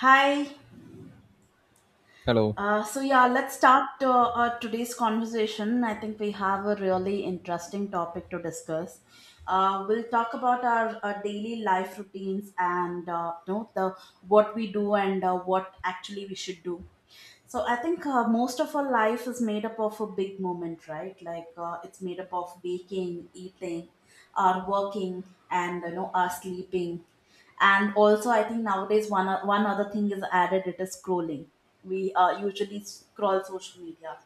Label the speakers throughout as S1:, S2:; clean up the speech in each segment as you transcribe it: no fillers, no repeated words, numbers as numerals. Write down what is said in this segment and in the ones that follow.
S1: Hi.
S2: Hello.
S1: So yeah, let's start today's conversation. I think we have a really interesting topic to discuss. We'll talk about our daily life routines and the what we do, and what actually we should do. So I think most of our life is made up of a big moment, right? It's made up of baking, eating, our working, and you know our sleeping. And also, I think nowadays one other thing is added. It is scrolling. We usually scroll social media.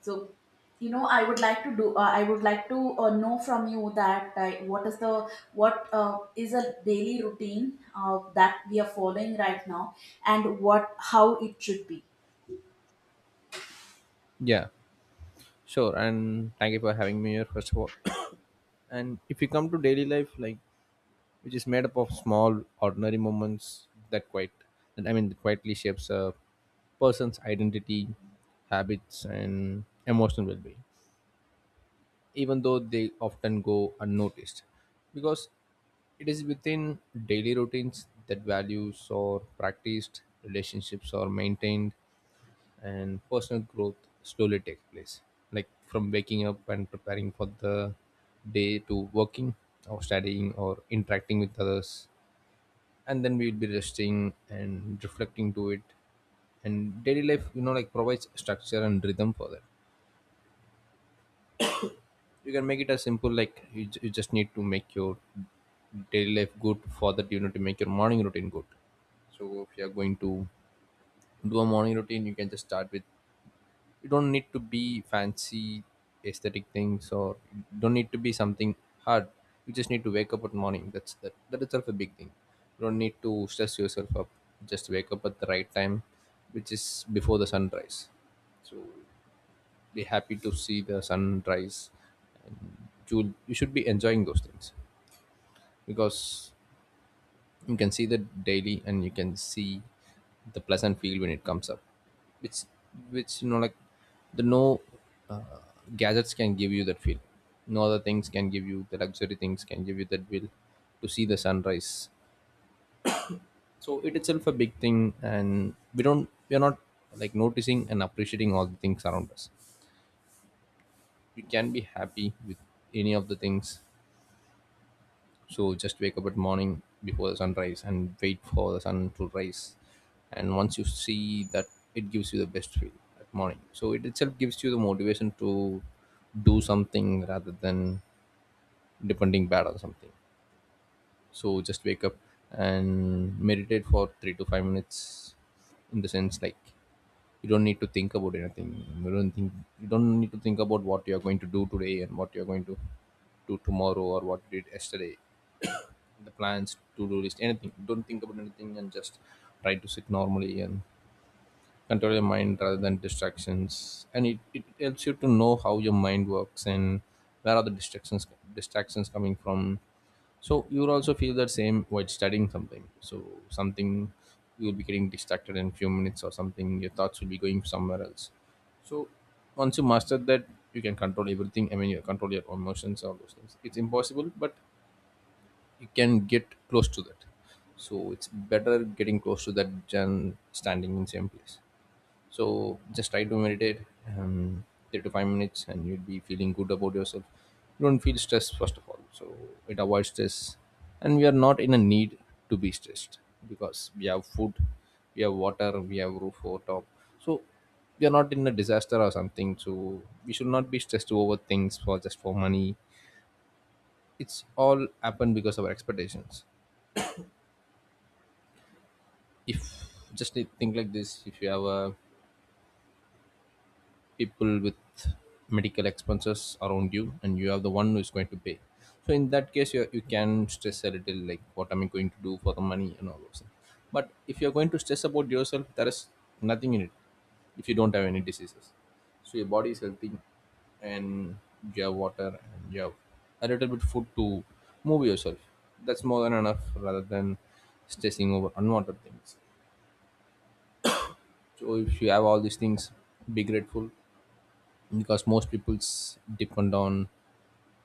S1: So you know, I would like to do. I would like to know from you that what is the what is a daily routine that we are following right now, and what how it should be.
S2: Yeah, sure. And thank you for having me here, first of all. And if you come to daily life, like which is made up of small, ordinary moments that quite, that I mean, that quietly shapes a person's identity, habits, and emotional well-being, even though they often go unnoticed, because it is within daily routines that values or practiced relationships are maintained and personal growth slowly takes place, like from waking up and preparing for the day, to working or studying or interacting with others, and then we will be resting and reflecting to it. And daily life, you know, like provides structure and rhythm for that. You can make it as simple, like you just need to make your daily life good. For that you need to make your morning routine good. So if you are going to do a morning routine, you can just start with, you don't need to be fancy aesthetic things, or you don't need to be something hard. You just need to wake up at morning, that's, that that itself a big thing. You don't need to stress yourself up, just wake up at the right time, which is before the sunrise. Be happy to see the sunrise, you should be enjoying those things, because you can see the daily and you can see the pleasant field when it comes up, which, which the no uh, gadgets can give you that feel, no other things can give you, the luxury things can give you that will, to see the sunrise. So it itself a big thing, and we are not like noticing and appreciating all the things around us. We can be happy with any of the things. So just wake up at morning before the sunrise and wait for the sun to rise, and once you see that, it gives you the best feel at morning, so it itself gives you the motivation to do something rather than depending bad on something. So just wake up and meditate for 3 to 5 minutes, in the sense like you don't need to think about anything. you don't think you don't need to think about what you are going to do today and what you are going to do tomorrow, or what you did yesterday, the plans, to-do list, anything. Don't think about anything and just try to sit normally and control your mind rather than distractions. And it helps you to know how your mind works and where are the distractions coming from. So you will also feel that same while studying something. So something, you will be getting distracted in few minutes or something, your thoughts will be going somewhere else. So once you master that, you can control everything. I mean, you control your emotions, all those things. It's impossible, but you can get close to that. So it's better getting close to that than standing in same place. So just try to meditate, um, 3 to 5 minutes, and you'll be feeling good about yourself. You don't feel stressed first of all, so it avoids stress, and we are not in a need to be stressed, because we have food, we have water, we have roof over top. So we are not in a disaster or something. So we should not be stressed over things for just for money. It's all happened because of our expectations. If, think like this, if you have people with medical expenses around you and you have the one who is going to pay, so in that case you can stress a little, like what am I going to do for the money and all those things. But if you're going to stress about yourself, there is nothing in it. If you don't have any diseases, so your body is healthy, and you have water and you have a little bit food to move yourself, that's more than enough rather than stressing over unwanted things. So if you have all these things, be grateful, because most people's depend on.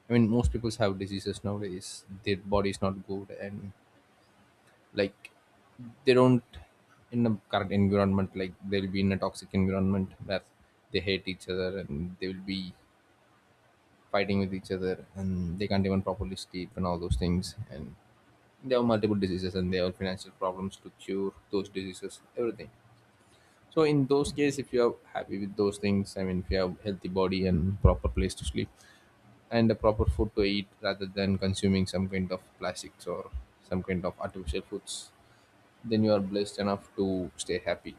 S2: I mean, most people's have diseases nowadays. Their body is not good, and like they don't, in the current environment. Like they'll be in a toxic environment where they hate each other and they will be fighting with each other, and they can't even properly sleep and all those things. And they have multiple diseases and they have financial problems to cure those diseases. Everything. So in those cases, if you are happy with those things, I mean, if you have healthy body and proper place to sleep and a proper food to eat rather than consuming some kind of plastics or some kind of artificial foods, then you are blessed enough to stay happy.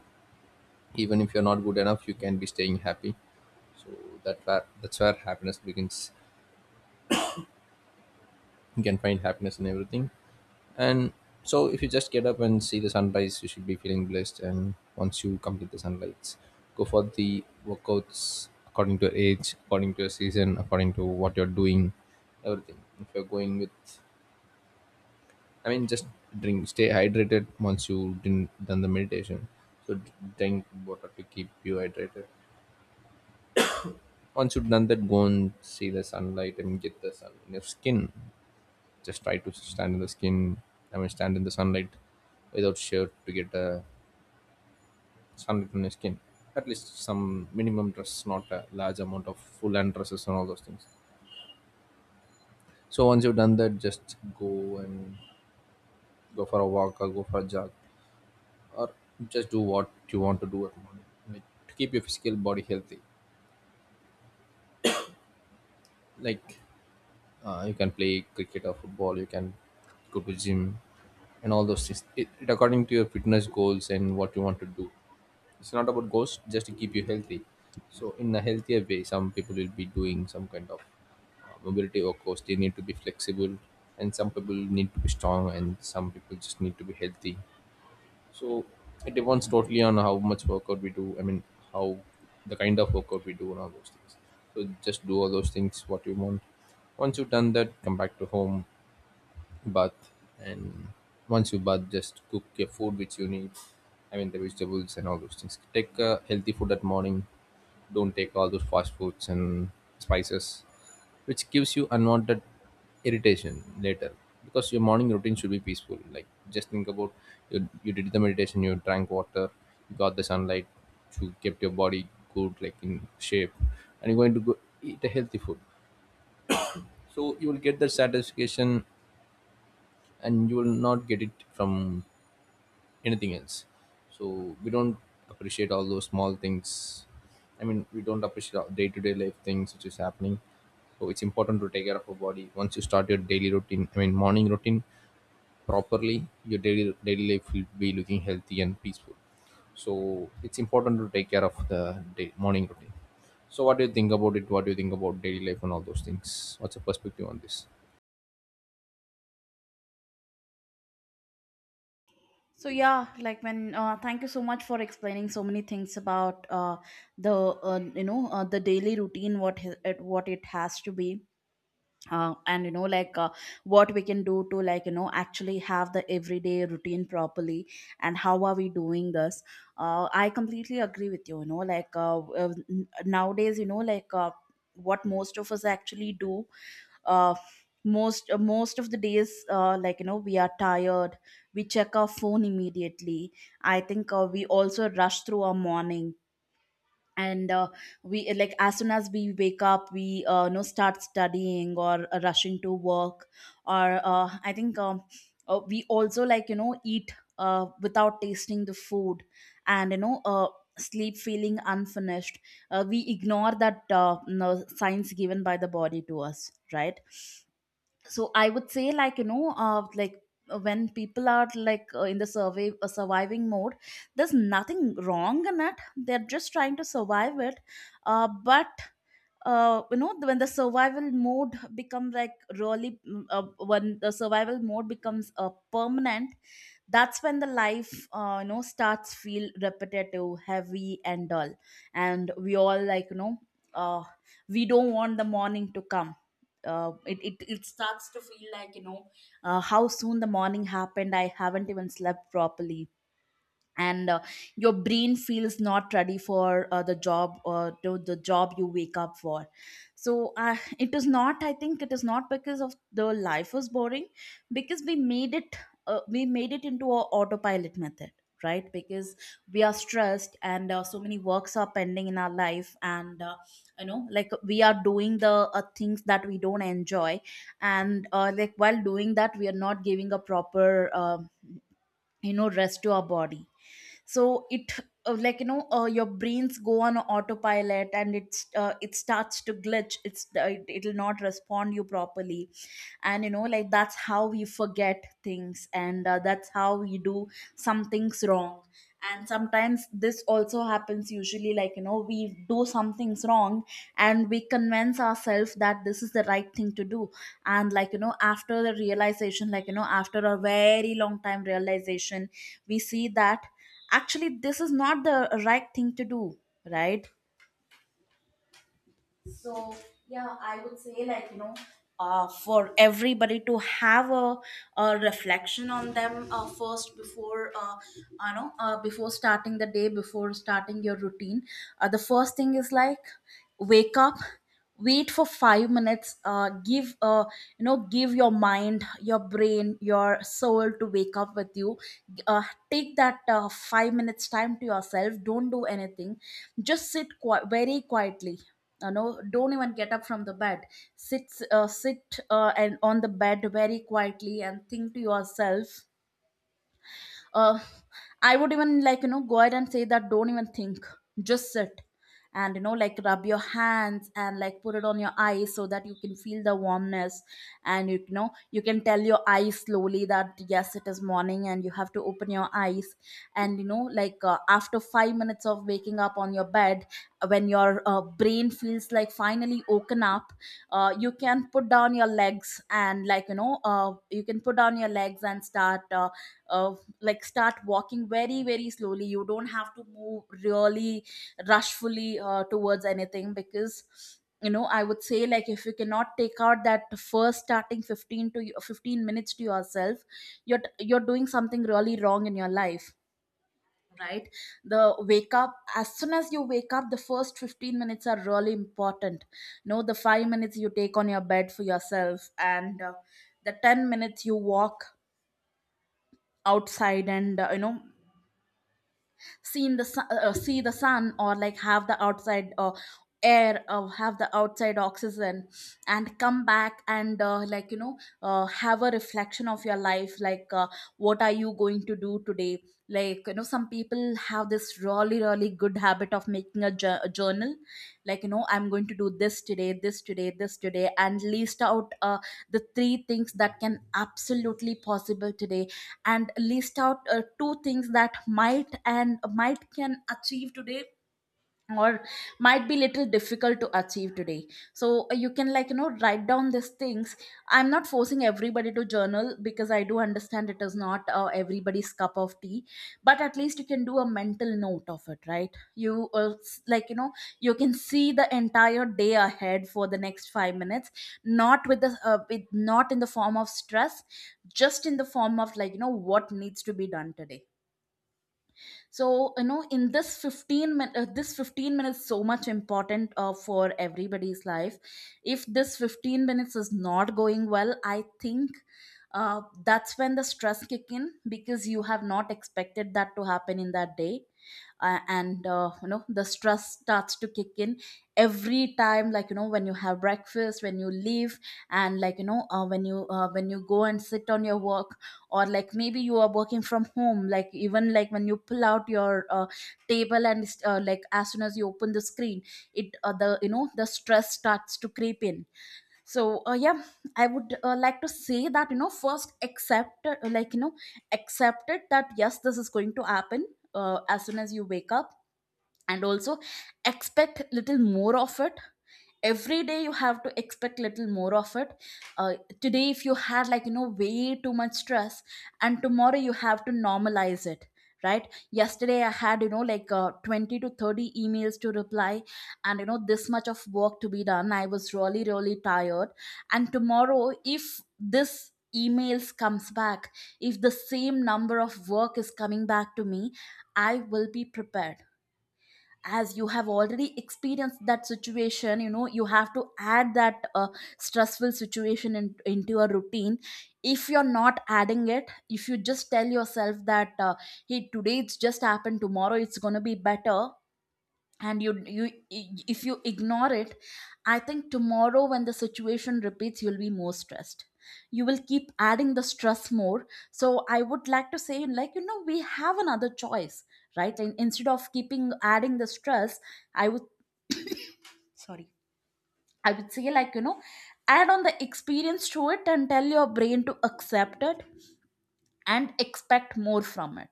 S2: Even if you're not good enough, you can be staying happy. So that's where happiness begins. You can find happiness in everything. And so, if you just get up and see the sunrise, you should be feeling blessed. And once you complete the sunlights, go for the workouts according to your age, according to your season, according to what you're doing, everything. If you're going with, I mean, just drink, stay hydrated once you've done the meditation. So, drink water to keep you hydrated. Once you've done that, go and see the sunlight and get the sun in your skin. Just try to stand in the skin, I mean, stand in the sunlight without shirt to get a sunlight on your skin. At least some minimum dress, not a large amount of full hand dresses and all those things. So once you've done that, just go for a walk or go for a jog, or just do what you want to do at the moment, like to keep your physical body healthy. Like you can play cricket or football, you can go to gym and all those things. It according to your fitness goals and what you want to do. It's not about ghosts, just to keep you healthy. So in a healthier way, some people will be doing some kind of mobility, or they need to be flexible, and some people need to be strong, and some people just need to be healthy. So it depends totally on how much workout we do, I mean, how, the kind of workout we do and all those things. So just do all those things what you want. Once you've done that, come back to home, bath, and once you bath, just cook your food which you need, I mean the vegetables and all those things. Take healthy food at morning, don't take all those fast foods and spices which gives you unwanted irritation later, because your morning routine should be peaceful. Like just think about, you did the meditation, you drank water, you got the sunlight, you kept your body good, like in shape, and you're going to go eat a healthy food. So you will get that satisfaction, and you will not get it from anything else. So we don't appreciate all those small things. I mean, we don't appreciate our day to day life things which is happening. So it's important to take care of our body. Once you start your daily routine, I mean morning routine, properly, your daily life will be looking healthy and peaceful. So it's important to take care of the day, morning routine. So what do you think about it? What do you think about daily life and all those things? What's your perspective on this?
S1: So yeah, like when thank you so much for explaining so many things about the you know the daily routine what it, what it has to be, and you know like what we can do to like you know actually have the everyday routine properly, and how are we doing this? I completely agree with you. You know like nowadays you know like what most of us actually do, uh, most of the days, like you know we are tired, we check our phone immediately. I think we also rush through our morning, and we, like as soon as we wake up we you know start studying or rushing to work, or I think we also like you know eat without tasting the food, and you know sleep feeling unfinished. We ignore that no, signs given by the body to us, right? So I would say like you know when people are like in the survey surviving mode, there's nothing wrong in it, they're just trying to survive it. But you know when the survival mode become like really, when the survival mode becomes permanent, that's when the life you know starts feel repetitive, heavy and dull. And we all like you know, uh, we don't want the morning to come. It starts to feel like you know how soon the morning happened, I haven't even slept properly. And your brain feels not ready for the job, or to the job you wake up for. So it is not, I think it is not because of the life was boring, because we made it. We made it into a autopilot method, right? Because we are stressed, and so many works are pending in our life, and you know like we are doing the things that we don't enjoy. And like while doing that we are not giving a proper you know rest to our body. So it, like you know, your brains go on autopilot, and it starts to glitch, it it'll not respond you properly. And you know like that's how we forget things, and that's how we do some things wrong. And sometimes this also happens usually, like you know we do some things wrong and we convince ourselves that this is the right thing to do. And like you know after the realization, like you know after a very long time realization, we see that actually this is not the right thing to do, right? So yeah, I would say like you know, for everybody to have a reflection on them first, before before starting the day, before starting your routine. The first thing is like wake up, wait for 5 minutes. Give You know, give your mind, your brain, your soul to wake up with you. uh, Take that 5 minutes time to yourself, don't do anything, just sit very quietly. You know, don't even get up from the bed. Sit, sit and on the bed very quietly and think to yourself. uh, I would even like you know go ahead and say that don't even think, just sit. And you know like rub your hands and like put it on your eyes so that you can feel the warmness. And you know, you can tell your eyes slowly that yes it is morning and you have to open your eyes. And you know like after 5 minutes of waking up on your bed, when your brain feels like finally woken up, you can put down your legs, and you can put down your legs and start uh, like start walking very very slowly. You don't have to move really rushfully towards anything, because you know I would say like if you cannot take out that first starting 15 to 15 minutes to yourself, you're doing something really wrong in your life, right? The wake up, as soon as you wake up the first 15 minutes are really important. No, the 5 minutes you take on your bed for yourself, and the 10 minutes you walk outside, and you know seen the sun, see the sun, or like have the outside air, or have the outside oxygen, and come back, and like you know have a reflection of your life, like what are you going to do today. Like you know some people have this really really good habit of making a, a journal, like you know, I'm going to do this today, this today, this today, and list out the three things that can absolutely possible today, and list out two things that might and might can achieve today, or might be little difficult to achieve today. So you can like you know write down these things. I'm not forcing everybody to journal, because I do understand it is not everybody's cup of tea. But at least you can do a mental note of it, right? You, like you know, you can see the entire day ahead for the next 5 minutes, not with the with, not in the form of stress, just in the form of like you know what needs to be done today. So you know, in this 15 minutes, this 15 minutes so much important for everybody's life. If this 15 minutes is not going well, I think that's when the stress kick in, because you have not expected that to happen in that day. And you know the stress starts to kick in every time, like you know, when you have breakfast, when you leave, and like you know when you go and sit on your work, or like maybe you are working from home, like even like when you pull out your table, and like as soon as you open the screen, it the you know the stress starts to creep in. So yeah, I would like to say that you know, first accept, like you know accept it that yes this is going to happen as soon as you wake up. And also, expect little more of it, every day you have to expect little more of it. uh, Today if you had like you know way too much stress, and tomorrow you have to normalize it, right? Yesterday I had you know like 20 to 30 emails to reply, and you know this much of work to be done, I was really really tired. And tomorrow if this emails comes back, if the same number of work is coming back to me, I will be prepared. As you have already experienced that situation, you know, you have to add that stressful situation into your routine. If you're not adding it, if you just tell yourself that hey today it's just happened, tomorrow it's going to be better, and you if you ignore it, I think tomorrow when the situation repeats, you'll be more stressed, you will keep adding the stress more. So I would like to say like you know we have another choice, right? And instead of keeping adding the stress, I would, sorry, I would say like you know add on the experience to it, and tell your brain to accept it and expect more from it.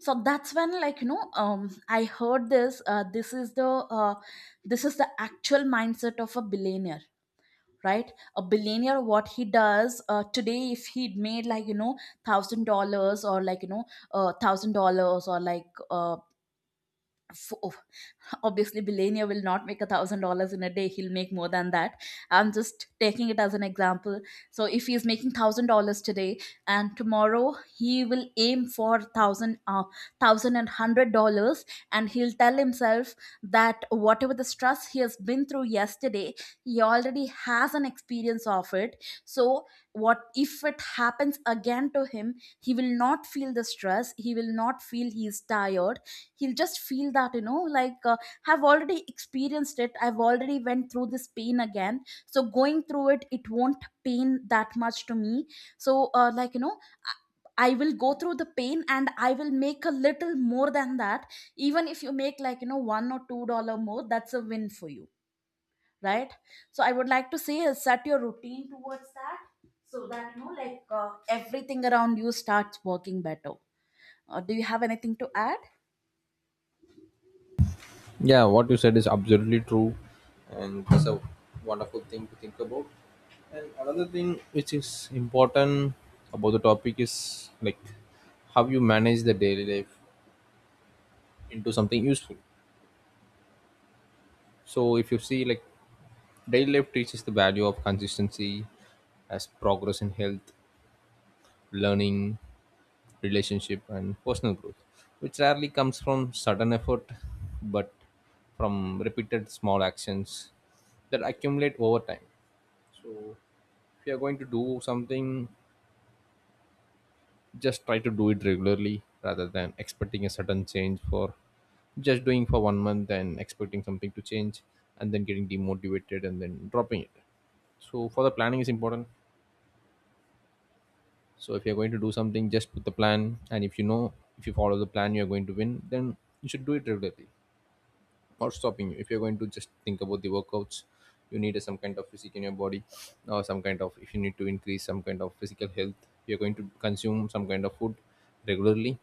S1: So that's when like you know I heard this, uh, this is the actual mindset of a billionaire, right? A billionaire, what he does, today if he made like you know $1,000, or like you know, $1,000, or like fo- oh, obviously billionaire will Not make $1,000 in a day, he'll make more than that. I'm just taking it as an example. So if he's making $1,000 today, and tomorrow he will aim for thousand and hundred dollars. And he'll tell himself that whatever the stress he has been through yesterday, he already has an experience of it, so what if it happens again to him? He will not feel the stress, he will not feel he's tired. He'll just feel that have already experienced it. I've already went through this pain again, so going through it, it won't pain that much to me. So I I will go through the pain and I will make a little more than that. Even if you make $1 or $2 more, that's a win for you, right? So I would like to say, set your routine towards that, so that everything around you starts working better. Do you have anything to add?
S2: Yeah, what you said is absolutely true, and that's a wonderful thing to think about. And another thing which is important about the topic is like how you manage the daily life into something useful. So, if you see, like, daily life teaches the value of consistency as progress in health, learning, relationship, and personal growth, which rarely comes from sudden effort but from repeated small actions that accumulate over time. So if you are going to do something, just try to do it regularly rather than expecting a sudden change for just doing for 1 month and expecting something to change and then getting demotivated and then dropping it. So for the planning is important. So if you're going to do something, just put the plan, and if you know, if you follow the plan you're going to win, then you should do it regularly. Or stopping you, if you're going to just think about the workouts, you need some kind of physique in your body, or some kind of, if you need to increase some kind of physical health, you're going to consume some kind of food regularly.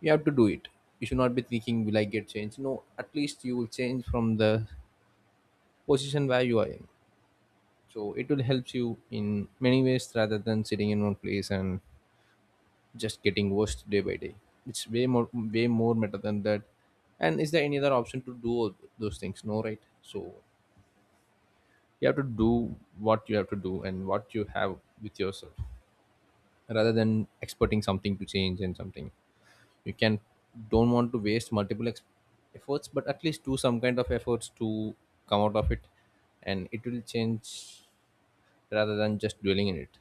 S2: You have to do it. You should not be thinking, will I get change? No, at least you will change from the position where you are in. So it will help you in many ways rather than sitting in one place and just getting worse day by day. It's way more better than that. And is there any other option to do all those things? No, right? So you have to do what you have to do and what you have with yourself, rather than expecting something to change and something. You can, don't want to waste efforts, but at least do some kind of efforts to come out of it, and it will change, rather than just dwelling in it.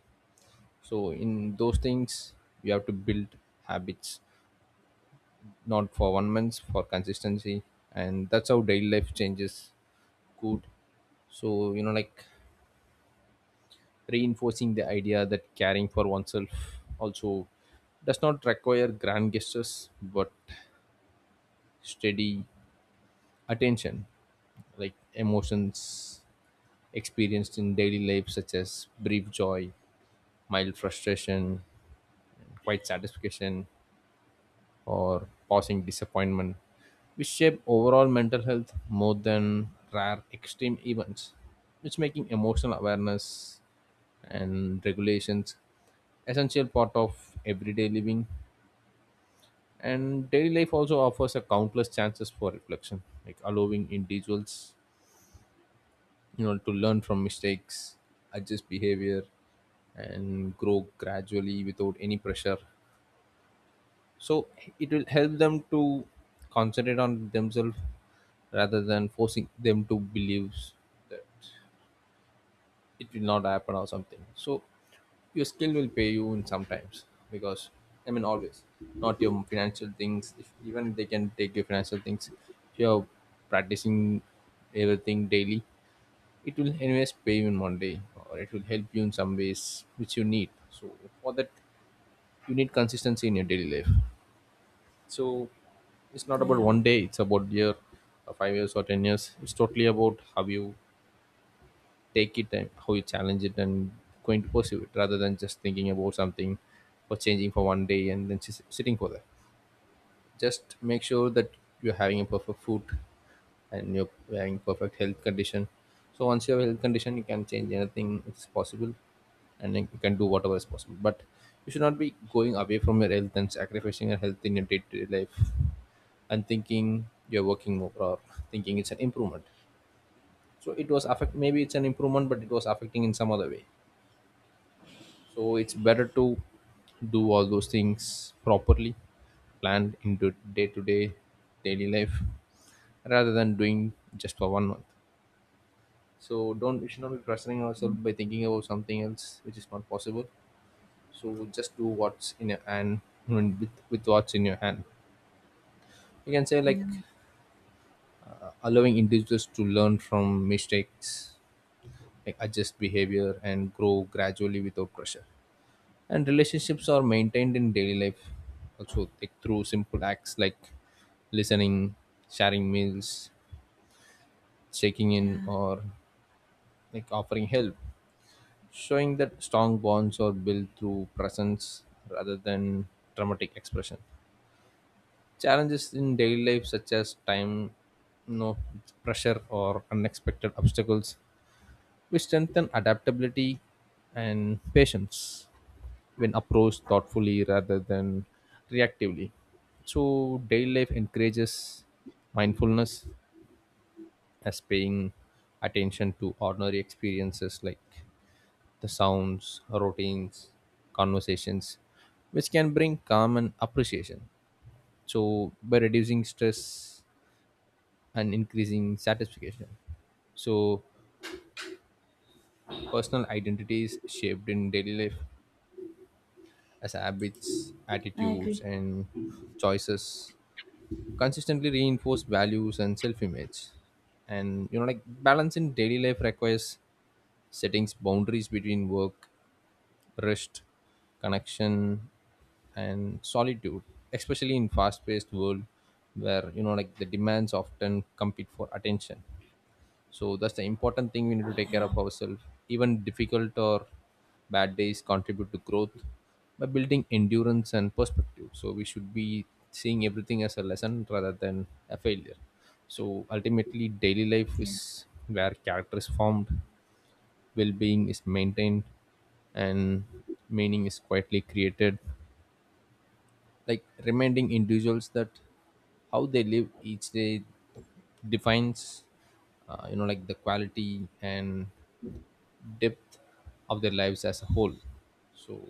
S2: So in those things, you have to build habits, not for 1 month, for consistency, and that's how daily life changes. Good. So like, reinforcing the idea that caring for oneself also does not require grand gestures but steady attention, like emotions experienced in daily life such as brief joy, mild frustration, quiet satisfaction, or passing disappointment, which shape overall mental health more than rare extreme events, which making emotional awareness and regulations essential part of everyday living. And daily life also offers a countless chances for reflection, like allowing individuals, to learn from mistakes, adjust behavior, and grow gradually without any pressure. So it will help them to concentrate on themselves rather than forcing them to believe that it will not happen or something. So your skill will pay you in sometimes, because I mean always, not your financial things, if even they can take your financial things. If you're practicing everything daily, it will anyways pay you in 1 day, or it will help you in some ways which you need. So for that, you need consistency in your daily life. So it's not about
S1: Yeah.
S2: 1 day, it's about year, 5 years or 10 years. It's totally about how you take it and how you challenge it and going to pursue it, rather than just thinking about something or changing for 1 day and then just sitting for that. Just make sure that you're having a perfect food and you're having perfect health condition. So once you have health condition, you can change anything, it's possible, and then you can do whatever is possible. But you should not be going away from your health and sacrificing your health in your day-to-day life and thinking you're working more, or thinking it's an improvement. So it was affect, maybe it's an improvement, but it was affecting in some other way. So it's better to do all those things properly, planned into day-to-day daily life, rather than doing just for 1 month. So don't, we should not be pressuring ourselves by thinking about something else which is not possible. So just do what's in your hand, and with what's in your hand you can say
S1: Yeah.
S2: like, allowing individuals to learn from mistakes, like adjust behavior and grow gradually without pressure. And relationships are maintained in daily life also, like through simple acts like listening, sharing meals, checking in,
S1: Yeah,
S2: or like offering help, showing that strong bonds are built through presence rather than dramatic expression. Challenges in daily life such as time, no, pressure or unexpected obstacles, we strengthen adaptability and patience when approached thoughtfully rather than reactively. So, daily life encourages mindfulness as paying attention to ordinary experiences like the sounds, routines, conversations, which can bring calm and appreciation. So, by reducing stress and increasing satisfaction. So, personal identity is shaped in daily life as habits,
S1: I
S2: attitudes,
S1: agree.
S2: and choices consistently reinforce values and self image. And you know, like, balance in daily life requires settings boundaries between work, rest, connection, and solitude, especially in fast paced world where you know like the demands often compete for attention. So that's the important thing we need to take care
S1: Yeah.
S2: of ourselves. Even difficult or bad days contribute to growth by building endurance and perspective. So we should be seeing everything as a lesson rather than a failure. So ultimately, daily life
S1: Yeah,
S2: is where character is formed, well being is maintained, and meaning is quietly created. Like reminding individuals that how they live each day defines you know like the quality and depth of their lives as a whole. So,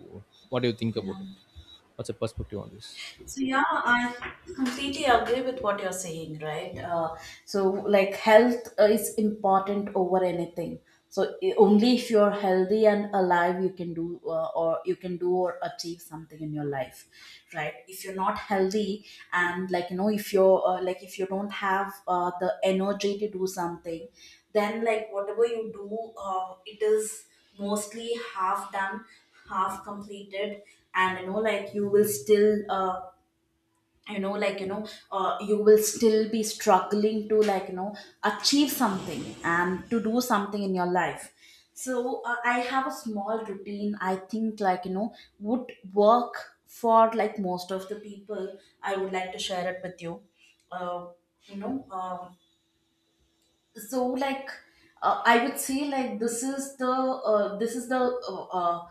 S2: what do you think about
S1: yeah.
S2: it? What's your perspective on this?
S1: So yeah, I completely agree with what you're saying, right? So like health is important over anything. So only if you're healthy and alive, you can do or achieve something in your life, right? If you're not healthy, and if you're like if you don't have the energy to do something, then like whatever you do, it is mostly half done, half completed, and you know like you will still you know like you know you will still be struggling to achieve something and to do something in your life. So I have a small routine, I think would work for like most of the people. I would like to share it with you. Uh, you know so like I would say like this is the uh, uh,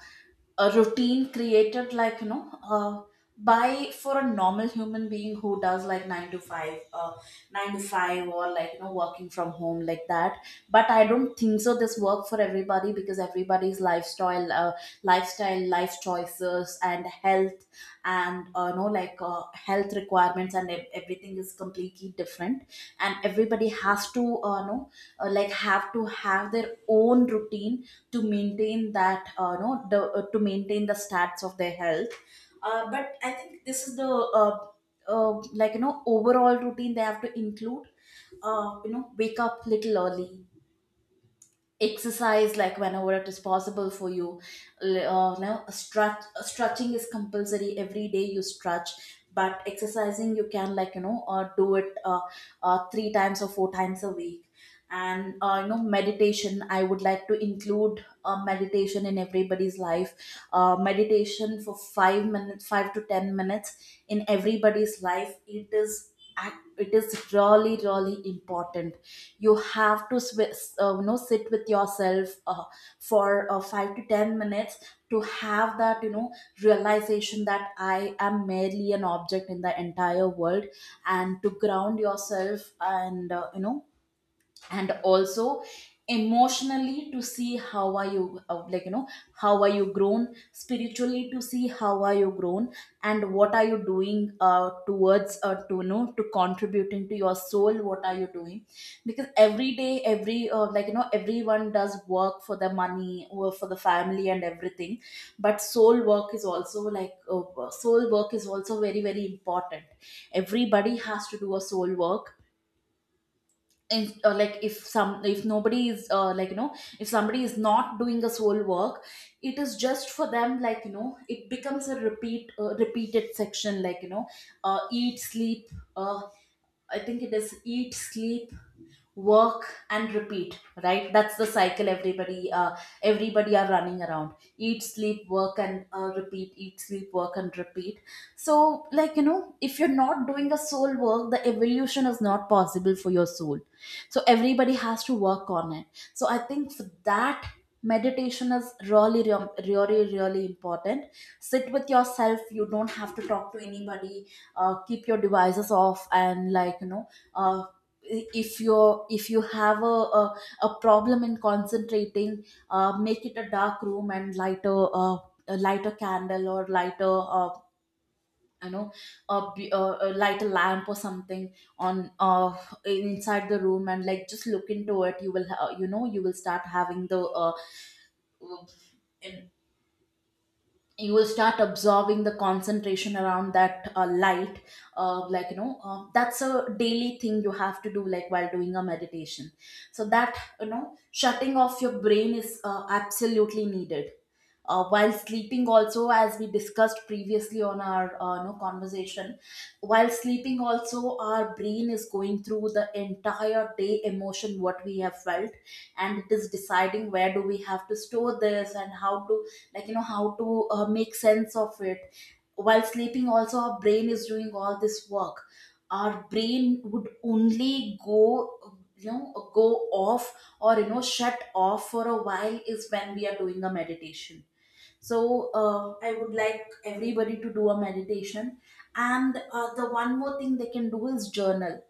S1: a routine created by for a normal human being who does like 9 to 5, 9 to 5, or working from home like that. But I don't think so this work for everybody, because everybody's lifestyle, life choices, and health, and health requirements and everything is completely different. And everybody has to know, like have to have their own routine to maintain that no the to maintain the stats of their health. But I think this is the like you know overall routine they have to include. Wake up little early, exercise like whenever it is possible for you. L- no, stretch, Stretching is compulsory, every day you stretch, but exercising you can like you know do it three times or four times a week. And meditation, I would like to include meditation in everybody's life. Meditation for 5 minutes, 5 to 10 minutes in everybody's life, it is it is really really important. You have to sit with yourself for 5 to 10 minutes to have that you know realization that I am merely an object in the entire world, and to ground yourself, and and also emotionally to see how are you grown, spiritually to see how are you grown, and what are you doing towards to to contributing to your soul, what are you doing. Because every day, everyone does work for the money or for the family and everything, but soul work is also soul work is also very very important. Everybody has to do a soul work. If nobody is like you know if somebody is not doing a soul work, it is just for them, it becomes a repeated section, eat, sleep, uh, I think it is eat, sleep, work, and repeat, right? That's the cycle. Everybody everybody are running around, eat sleep work and repeat, eat sleep work and repeat. So if you're not doing a soul work, the evolution is not possible for your soul. So everybody has to work on it. So I think for that, meditation is really really important. Sit with yourself, you don't have to talk to anybody. Keep your devices off, and uh, if you're if you have a problem in concentrating, make it a dark room and light a candle or light a you know a, b- a light, a lamp or something on inside the room, and like just look into it. You will ha- you know you will start having the you will start absorbing the concentration around that light. That's a daily thing you have to do like while doing a meditation, so that you know shutting off your brain is absolutely needed. While sleeping also, as we discussed previously on our no conversation, while sleeping also our brain is going through the entire day emotion what we have felt, and it is deciding where do we have to store this and how to how to make sense of it. While sleeping also our brain is doing all this work. Our brain would only go off, or you know shut off for a while, is when we are doing a meditation. So I would like everybody to do a meditation. And the one more thing they can do is journal.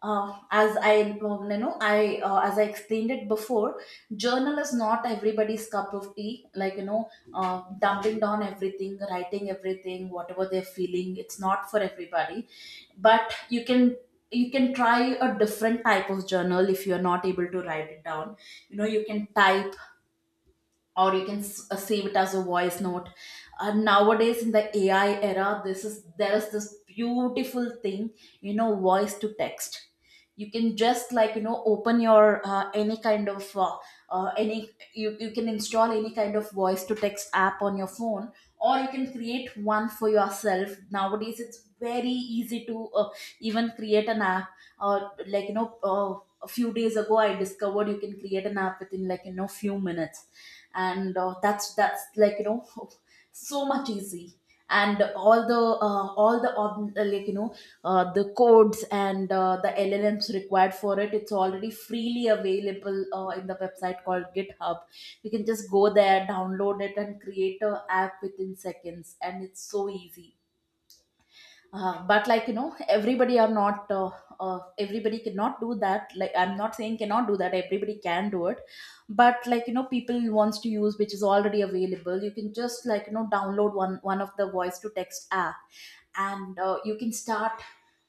S1: As I you know I As I explained it before, journal is not everybody's cup of tea. Dumping down everything, writing everything whatever they're feeling, it's not for everybody. But you can try a different type of journal if you're not able to write it down. You know, you can type, or you can save it as a voice note. Nowadays in the ai era, this is there is this beautiful thing, you know, voice to text. You can just open your any kind of any you, you can install any kind of voice to text app on your phone, or you can create one for yourself. Nowadays it's very easy to even create an app, or a few days ago I discovered you can create an app within few minutes. And that's so much easy. And all the ob- like you know the codes and the llms required for it, it's already freely available in the website called github. You can just go there, download it, and create a app within seconds, and it's so easy. But everybody are not everybody cannot do that. Like I'm not saying cannot do that, everybody can do it. But people wants to use which is already available. You can just download one of the voice to text app, and you can start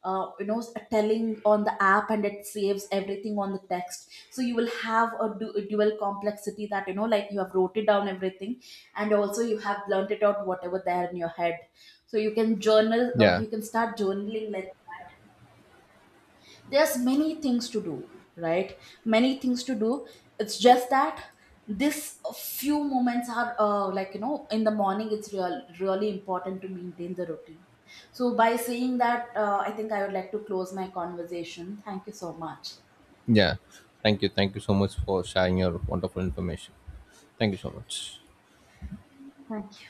S1: uh, you know telling on the app, and it saves everything on the text, so you will have a dual complexity that you have wrote it down everything, and also you have learned it out whatever there in your head. So you can journal,
S2: Yeah,
S1: you can start journaling like that. There's many things to do, right? Many things to do. It's just that this few moments are in the morning, really important to maintain the routine. So by saying that, I think I would like to close my conversation. Thank you so much.
S2: yeah. Thank you. Thank you so much for sharing your wonderful information. Thank you so much.
S1: Thank you.